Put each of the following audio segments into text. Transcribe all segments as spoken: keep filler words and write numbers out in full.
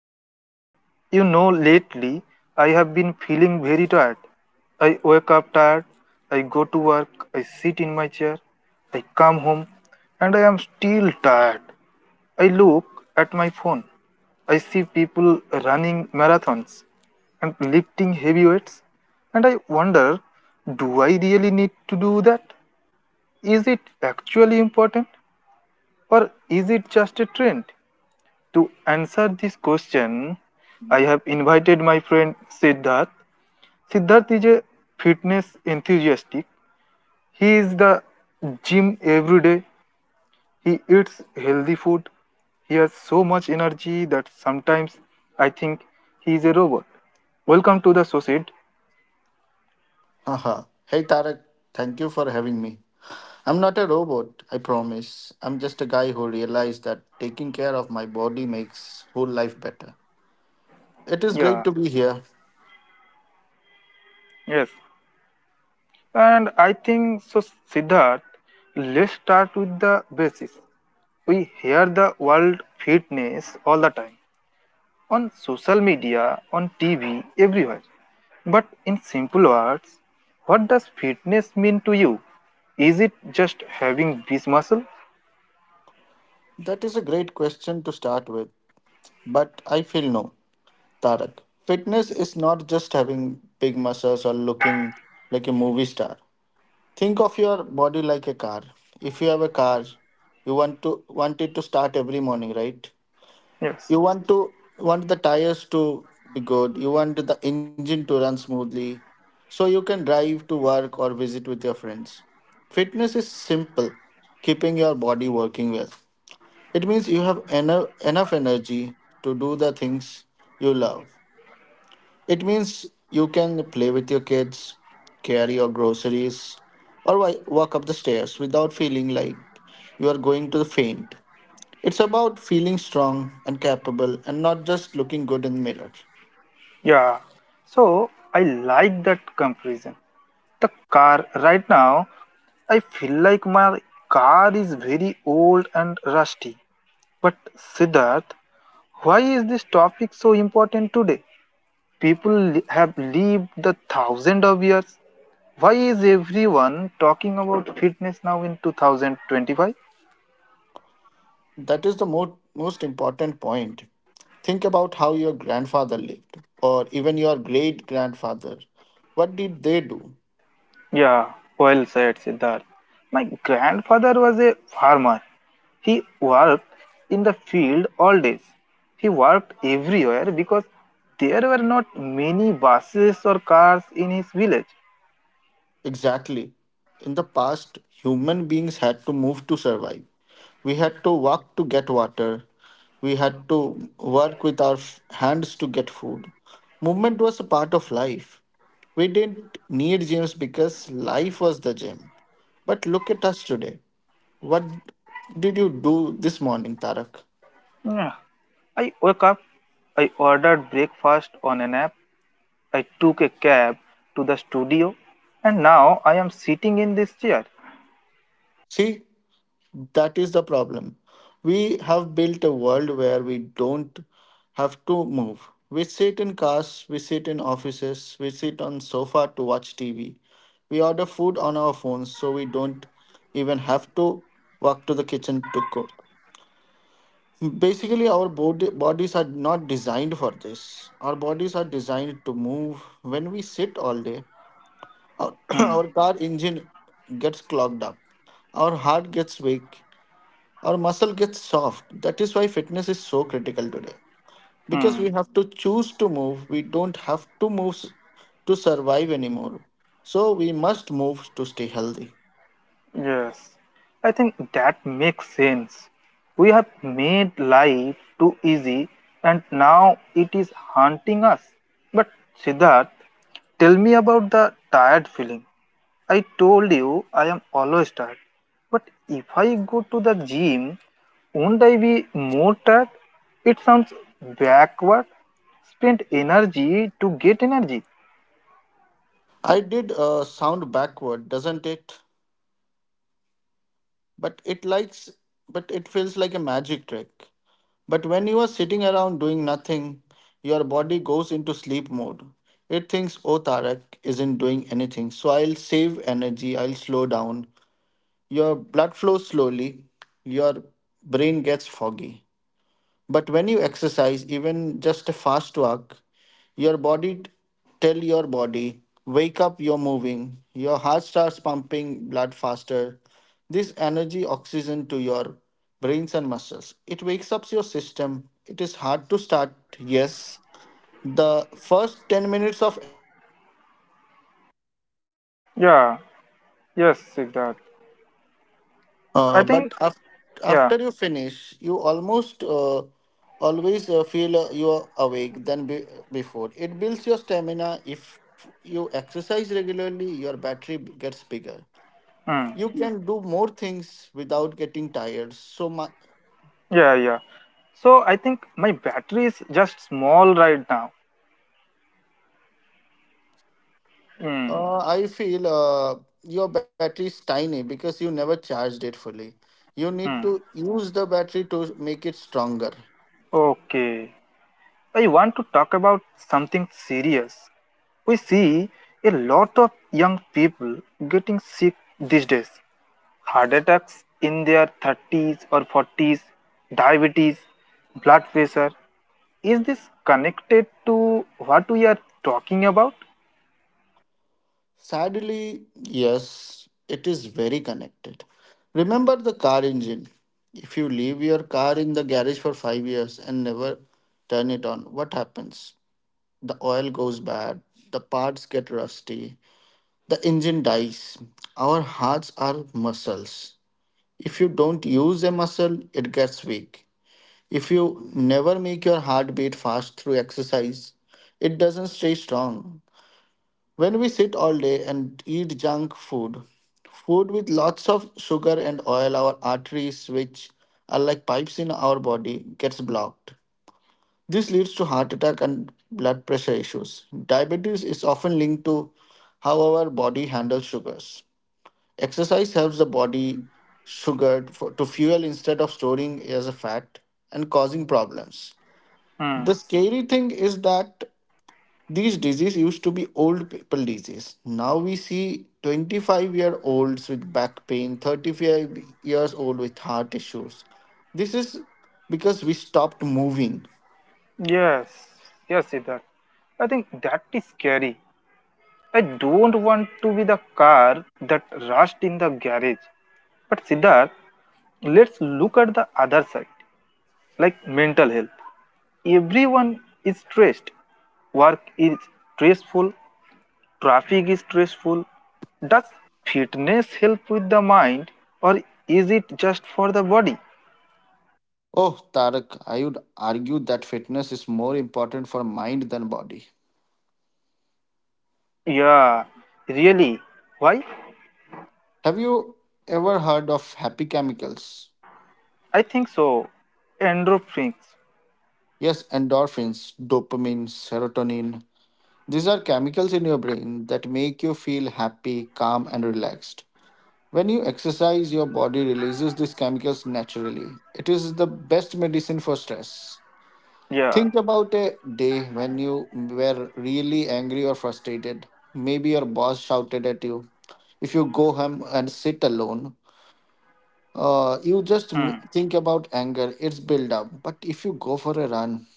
episode. You know, lately I have been feeling very tired. I wake up tired, I go to work, I sit in my chair, I come home, and I am still tired. I look at my phone. I see people running marathons and lifting heavy weights, and I wonder, do I really need to do that? Is it actually important or is it just a trend? To answer this question, I have invited my friend Siddharth. Siddharth is a fitness enthusiast. He is the gym every day. He eats healthy food. He has so much energy that sometimes I think he is a robot. Welcome to the Socied. Haha. Hey Tarek, thank you for having me. I'm not a robot, I promise. I'm just a guy who realized that taking care of my body makes whole life better. It is great Yeah, to be here. yes. And I think so, Siddharth, let's start with the basis. We hear the word fitness all the time on social media, on T V, everywhere. But in simple words, what does fitness mean to you? Is it just having this muscle? That is a great question to start with, but I feel no, Tarak, fitness is not just having big muscles or looking like a movie star. Think of your body like a car. If you have a car, you want to want it to start every morning, right? You Yes. want to want the tires to be good. You want the engine to run smoothly, so you can drive to work or visit with your friends. Fitness is simple, keeping your body working well. It means you have eno- enough energy to do the things you love. It means you can play with your kids, carry your groceries, or wi- walk up the stairs without feeling like you are going to faint. It's about feeling strong and capable and not just looking good in the mirror. Yeah. So I like that comparison. The car right now, I feel like my car is very old and rusty. But Siddharth, why is this topic so important today? People li- have lived the thousand of years. Why is everyone talking about fitness now in two thousand twenty-five? That is the mo- most important point. Think about how your grandfather lived, or even your great grandfather. What did they do? Yeah, well said, Siddharth. My grandfather was a farmer. He worked in the field all days. He worked everywhere because there were not many buses or cars in his village. Exactly. In the past, human beings had to move to survive. We had to walk to get water. We had to work with our f- hands to get food. Movement was a part of life. We didn't need gyms because life was the gym. But look at us today. What did you do this morning, Tarak? Yeah. I woke up, I ordered breakfast on an app, I took a cab to the studio, and now I am sitting in this chair. See, that is the problem. We have built a world where we don't have to move. We sit in cars, we sit in offices, we sit on sofa to watch T V. We order food on our phones so we don't even have to walk to the kitchen to cook. Basically, our body, bodies are not designed for this. Our bodies are designed to move. When we sit all day, our, Hmm. our car engine gets clogged up. Our heart gets weak our muscle gets soft. That is why fitness is so critical today. Because Hmm. we have to choose to move, we don't have to move s- to survive anymore. So we must move to stay healthy. Yes. I think that makes sense. We have made life too easy and now it is haunting us. But Siddharth, tell me about the tired feeling. I told you I am always tired. But if I go to the gym, won't I be more tired? It sounds backward. Spend energy to get energy. I did uh, sound backward, doesn't it? But it likes, but it feels like a magic trick. But when you are sitting around doing nothing, your body goes into sleep mode. It thinks, oh, Tarak isn't doing anything, so I'll save energy, I'll slow down. Your blood flows slowly, your brain gets foggy. But when you exercise, even just a fast walk, your body t- tell your body, wake up, you're moving. Your heart starts pumping blood faster. This energy oxygen to your brains and muscles. It wakes up your system. It is hard to start, yes. The first ten minutes of Yeah, yes, Siddharth. Uh, I think, but af- yeah, after you finish, you almost uh, always uh, feel uh, you are awake than be- before. It builds your stamina. If you exercise regularly, your battery b- gets bigger. mm, You, yeah, can do more things without getting tired. So my, yeah, yeah. So I think my battery is just small right now. Hmm. uh, I feel uh, your battery is tiny because you never charged it fully. You need Hmm. to use the battery to make it stronger. Okay. I want to talk about something serious. We see a lot of young people getting sick these days. Heart attacks in their thirties or forties, diabetes, blood pressure. Is this connected to what we are talking about? Sadly, yes, it is very connected. Remember the car engine. If you leave your car in the garage for five years and never turn it on, what happens? The oil goes bad, the parts get rusty, the engine dies. Our hearts are muscles. If you don't use a muscle, it gets weak. If you never make your heart beat fast through exercise, it doesn't stay strong. When we sit all day and eat junk food, food with lots of sugar and oil, our arteries, which are like pipes in our body, gets blocked. This leads to heart attack and blood pressure issues. Diabetes is often linked to how our body handles sugars. Exercise helps the body sugar for, to fuel instead of storing as a fat and causing problems. Hmm. The scary thing is that these disease used to be old people disease. Now we see twenty-five-year-olds with back pain, thirty-five years old with heart issues. This is because we stopped moving. Yes, yes, Siddharth. I think that is scary. I don't want to be the car that rushed in the garage. But Siddharth, let's look at the other side, like mental health. Everyone is stressed. Work is stressful. Traffic is stressful. Does fitness help with the mind or is it just for the body? Oh, Tarak, I would argue that fitness is more important for mind than body. Yeah, really. Why? Have you ever heard of happy chemicals? I think so. Endorphins. Yes, endorphins, dopamine, serotonin. These are chemicals in your brain that make you feel happy, calm, and relaxed. When you exercise, your body releases these chemicals naturally. It is the best medicine for stress. Yeah. Think about a day when you were really angry or frustrated. Maybe your boss shouted at you. If you go home and sit alone, uh, you just Hmm. m- think about anger, it's build up. But if you go for a run,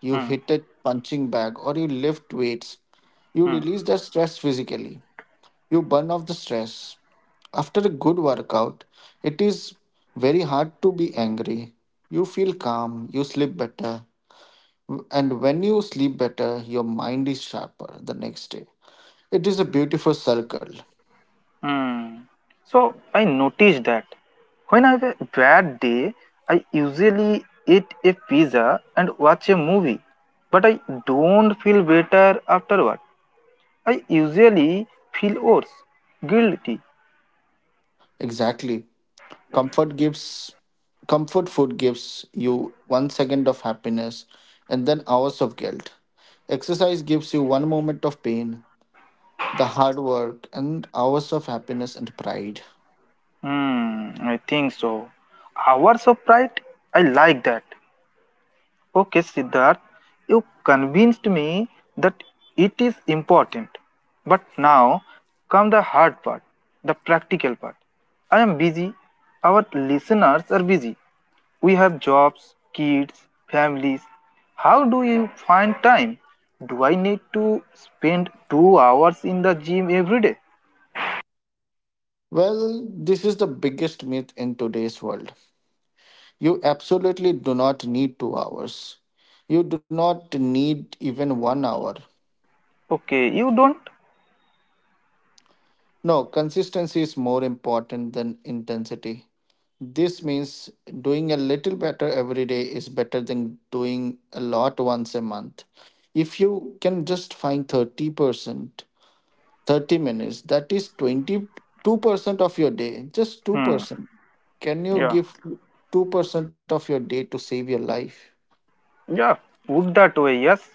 you Hmm. hit a punching bag or you lift weights, you Hmm. release that stress physically, you burn off the stress. After a good workout, it is very hard to be angry. You feel calm, you sleep better, and when you sleep better, your mind is sharper the next day. It is a beautiful circle. Hmm. So I noticed that when I have a bad day, I usually eat a pizza and watch a movie, but I don't feel better afterward. I usually feel worse, guilty. Exactly. Comfort gives comfort food gives you 1 second of happiness and then hours of guilt. Exercise gives you 1 moment of pain, the hard work, and hours of happiness and pride. Hmm. I think so. Hours of pride. I like that. Okay, Siddharth, you convinced me that it is important. But now come the hard part, the practical part. I am busy. Our listeners are busy. We have jobs, kids, families. How do you find time? Do I need to spend two hours in the gym every day? Well, this is the biggest myth in today's world. You absolutely do not need two hours. You do not need even one hour. Okay, you don't? No, consistency is more important than intensity. This means doing a little better every day is better than doing a lot once a month. If you can just find thirty percent, thirty minutes, that is twenty-two percent of your day, just Hmm, two percent. Can you yeah, give two percent of your day to save your life? yeah, put that way, yes.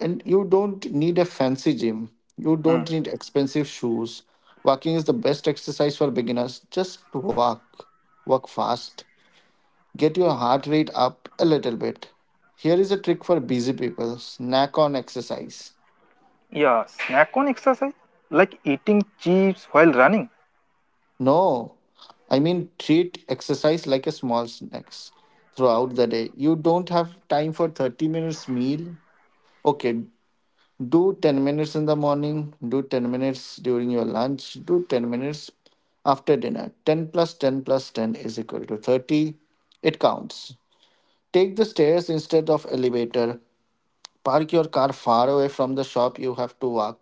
And you don't need a fancy gym, you Hmm. don't need expensive shoes. Walking is the best exercise for beginners. Just walk, walk fast, get your heart rate up a little bit. Here is a trick for busy people: snack on exercise. Yeah, snack on exercise? Like eating chips while running? No, I mean treat exercise like a small snacks throughout the day. You don't have time for thirty minutes meal. Okay, do ten minutes in the morning, do ten minutes during your lunch, do ten minutes after dinner. ten plus ten plus ten is equal to thirty. It counts. Take the stairs instead of elevator. Park your car far away from the shop you have to walk.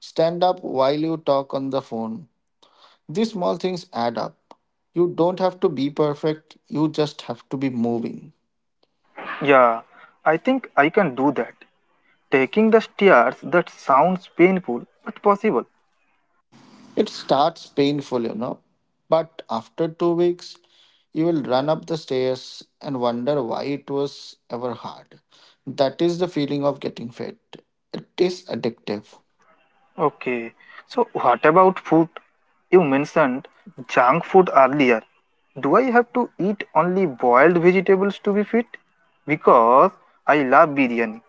Stand up while you talk on the phone. These small things add up. You don't have to be perfect, you just have to be moving. Yeah, I think I can do that. Taking the stairs, that sounds painful but possible. It starts painful, you know, but after two weeks, you will run up the stairs and wonder why it was ever hard. That is the feeling of getting fit. It is addictive. Okay, so what about food? You mentioned junk food earlier. Do I have to eat only boiled vegetables to be fit? Because I love biryani.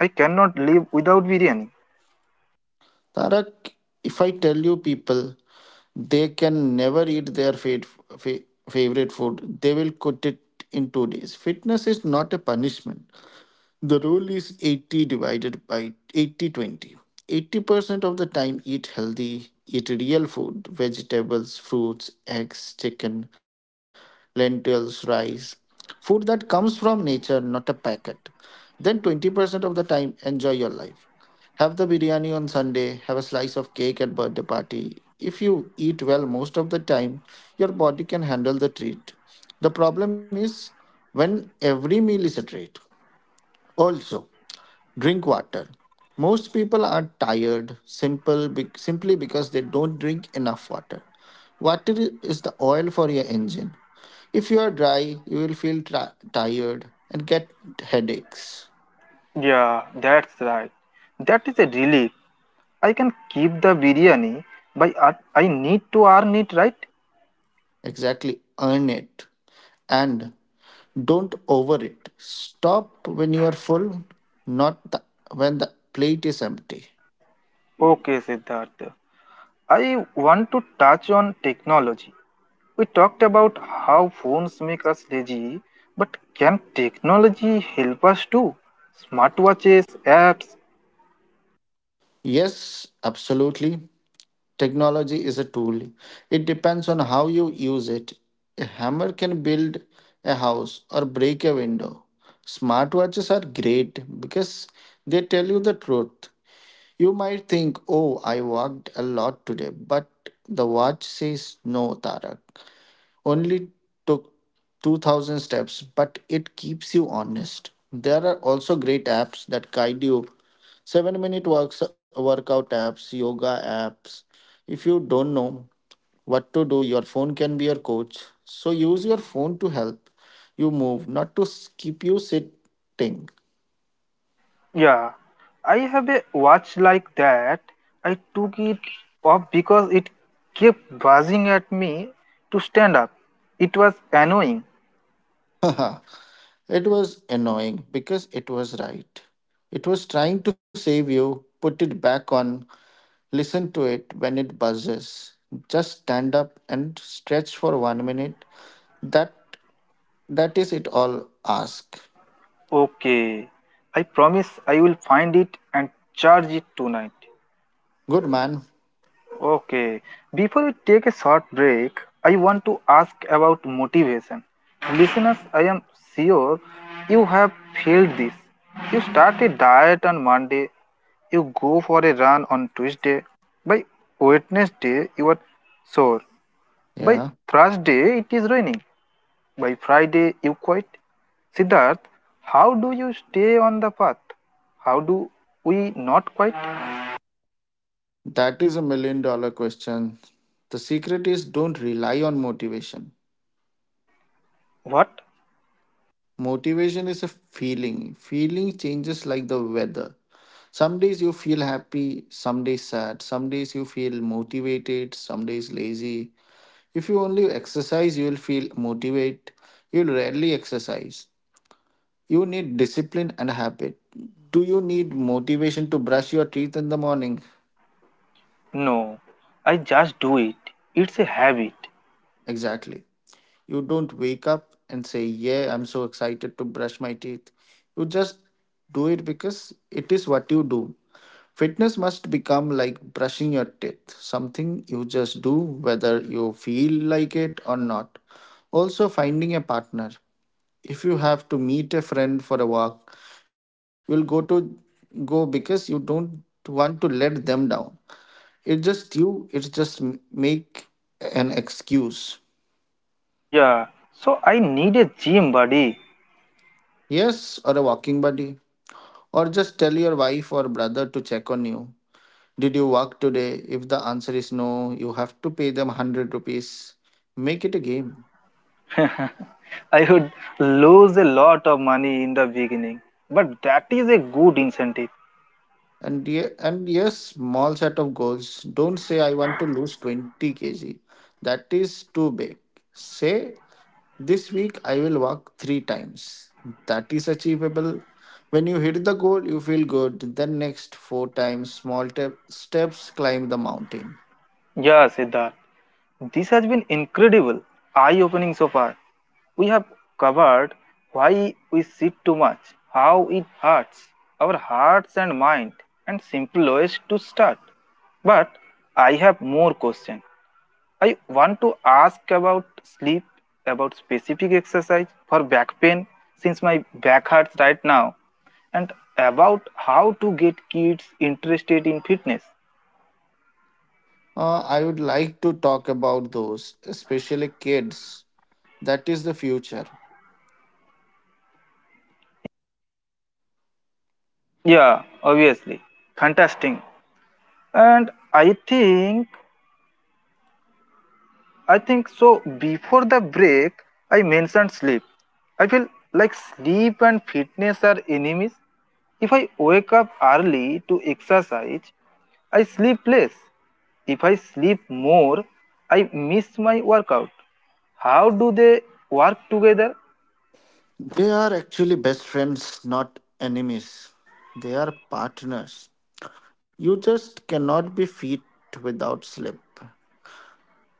I cannot live without biryani. Tarak, if I tell you people they can never eat their fa- fa- favorite food, they will quit it in two days. Fitness is not a punishment. The rule is eighty divided by eighty, 80% of the time, eat healthy, eat real food, vegetables, fruits, eggs, chicken, lentils, rice, food that comes from nature, not a packet. Then twenty percent of the time, enjoy your life. Have the biryani on Sunday, have a slice of cake at birthday party. If you eat well most of the time, your body can handle the treat. The problem is when every meal is a treat. Also, drink water. Most people are tired simple be- simply because they don't drink enough water. Water is the oil for your engine. If you are dry, you will feel tra- tired and get headaches. Yeah, that's right. That is a relief. I can keep the biryani, but I I need to earn it, right? Exactly, earn it. And don't over it. Stop when you are full, not the, when the plate is empty. Okay, Siddharth. I want to touch on technology. We talked about how phones make us lazy, but can technology help us too? Smartwatches, apps. Yes, absolutely. Technology is a tool. It depends on how you use it. A hammer can build a house or break a window. Smartwatches are great because they tell you the truth. You might think, oh, I walked a lot today, but the watch says, no, Tarak only took two thousand steps, but it keeps you honest. There are also great apps that guide you: seven minute works, workout apps, yoga apps. If you don't know what to do, your phone can be your coach. So use your phone to help you move, not to s- keep you sitting. Yeah, I have a watch like that. I took it off because it kept buzzing at me to stand up. It was annoying. Haha, it was annoying because it was right. It was trying to save you. Put it back on. Listen to it when it buzzes. Just stand up and stretch for one minute. That that is it all ask. Okay. I promise I will find it and charge it tonight. Good man. Okay. Before we take a short break, I want to ask about motivation. Listeners, I am sure you have failed this. You start a diet on Monday, you go for a run on Tuesday. By Wednesday, you are sore. By Yeah. Thursday, it is raining. By Friday, you quit. Siddharth, how do you stay on the path? How do we not quit? That is a million dollar question. The secret is don't rely on motivation. What? Motivation is a feeling. Feeling changes like the weather. Some days you feel happy, some days sad, some days you feel motivated, some days lazy. If you only exercise, you will feel motivated. You'll rarely exercise. You need discipline and habit. Do you need motivation to brush your teeth in the morning? No, I just do it. It's a habit. Exactly. You don't wake up and say, "Yeah, I'm so excited to brush my teeth." You just do it because it is what you do. Fitness must become like brushing your teeth, something you just do whether you feel like it or not. Also, finding a partner. If you have to meet a friend for a walk, you'll go to go because you don't want to let them down. It's just you, it's just m- make an excuse. Yeah, so I need a gym buddy. Yes, or a walking buddy, or just tell your wife or brother to check on you. Did you walk today? If the answer is no, you have to pay them one hundred rupees. Make it a game. I would lose a lot of money in the beginning, but that is a good incentive. And ye- and yes, small set of goals. Don't say I want to lose twenty kilograms, that is too big. Say, this week I will walk three times. That is achievable. When you hit the goal, you feel good. Then next four times, small te- steps, climb the mountain. Yeah, Siddharth, this has been incredible, eye opening so far. We have covered why we sit too much, how it hurts our hearts and mind, and simple ways to start. But I have more questions. I want to ask about sleep, about specific exercise for back pain since my back hurts right now, and about how to get kids interested in fitness. Uh, I would like to talk about those, especially kids. That is the future. Yeah, obviously. Fantastic. And I think, I think so. Before the break, I mentioned sleep. I feel like sleep and fitness are enemies. If I wake up early to exercise, I sleep less. If I sleep more, I miss my workout. How do they work together? They are actually best friends, not enemies. They are partners. You just cannot be fit without sleep.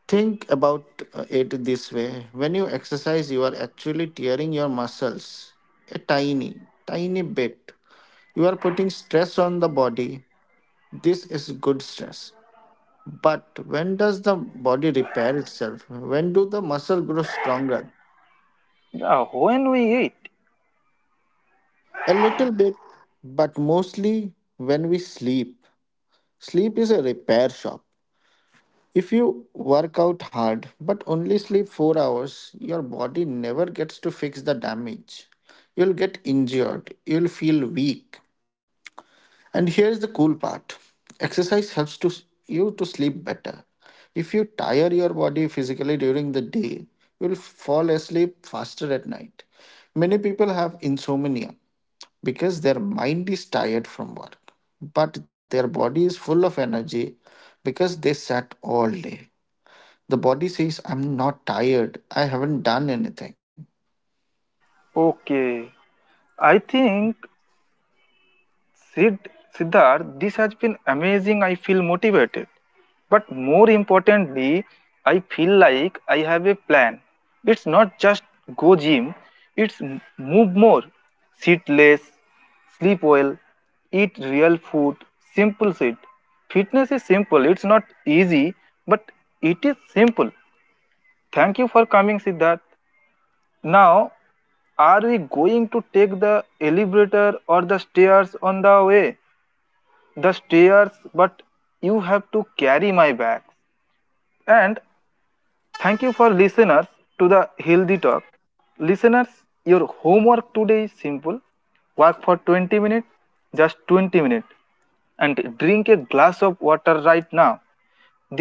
Think about uh, it this way: when you exercise, you are actually tearing your muscles a tiny, tiny bit. You are putting stress on the body. This is good stress. But when does the body repair itself? When do the muscle grow stronger? Yeah, when we eat. A little bit, but mostly when we sleep. Sleep is a repair shop. If you work out hard but only sleep four hours, your body never gets to fix the damage. You'll get injured, you'll feel weak. And here's the cool part: exercise helps to, you to sleep better. If you tire your body physically during the day, you'll fall asleep faster at night. Many people have insomnia because their mind is tired from work, but their body is full of energy because they sat all day. The body says, I'm not tired. I haven't done anything. Okay. I think Sid, Siddharth, this has been amazing. I feel motivated. But more importantly, I feel like I have a plan. It's not just go gym, it's m- move more, sit less, sleep well, eat real food, simple shit. Fitness is simple, it's not easy, but it is simple. Thank you for coming, Siddharth. Now, are we going to take the elevator or the stairs on the way? The stairs, but you have to carry my bags. And thank you for listeners to the Healthy Talk. Listeners, your homework today is simple. Walk for twenty minutes, just twenty minutes, and drink a glass of water right now.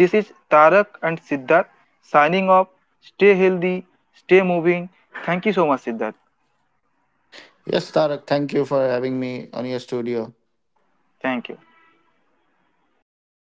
This is Tarak and Siddharth signing off. Stay healthy, stay moving. Thank you so much, Siddharth. Yes, Tarak, thank you for having me on your studio. Thank you. Yes.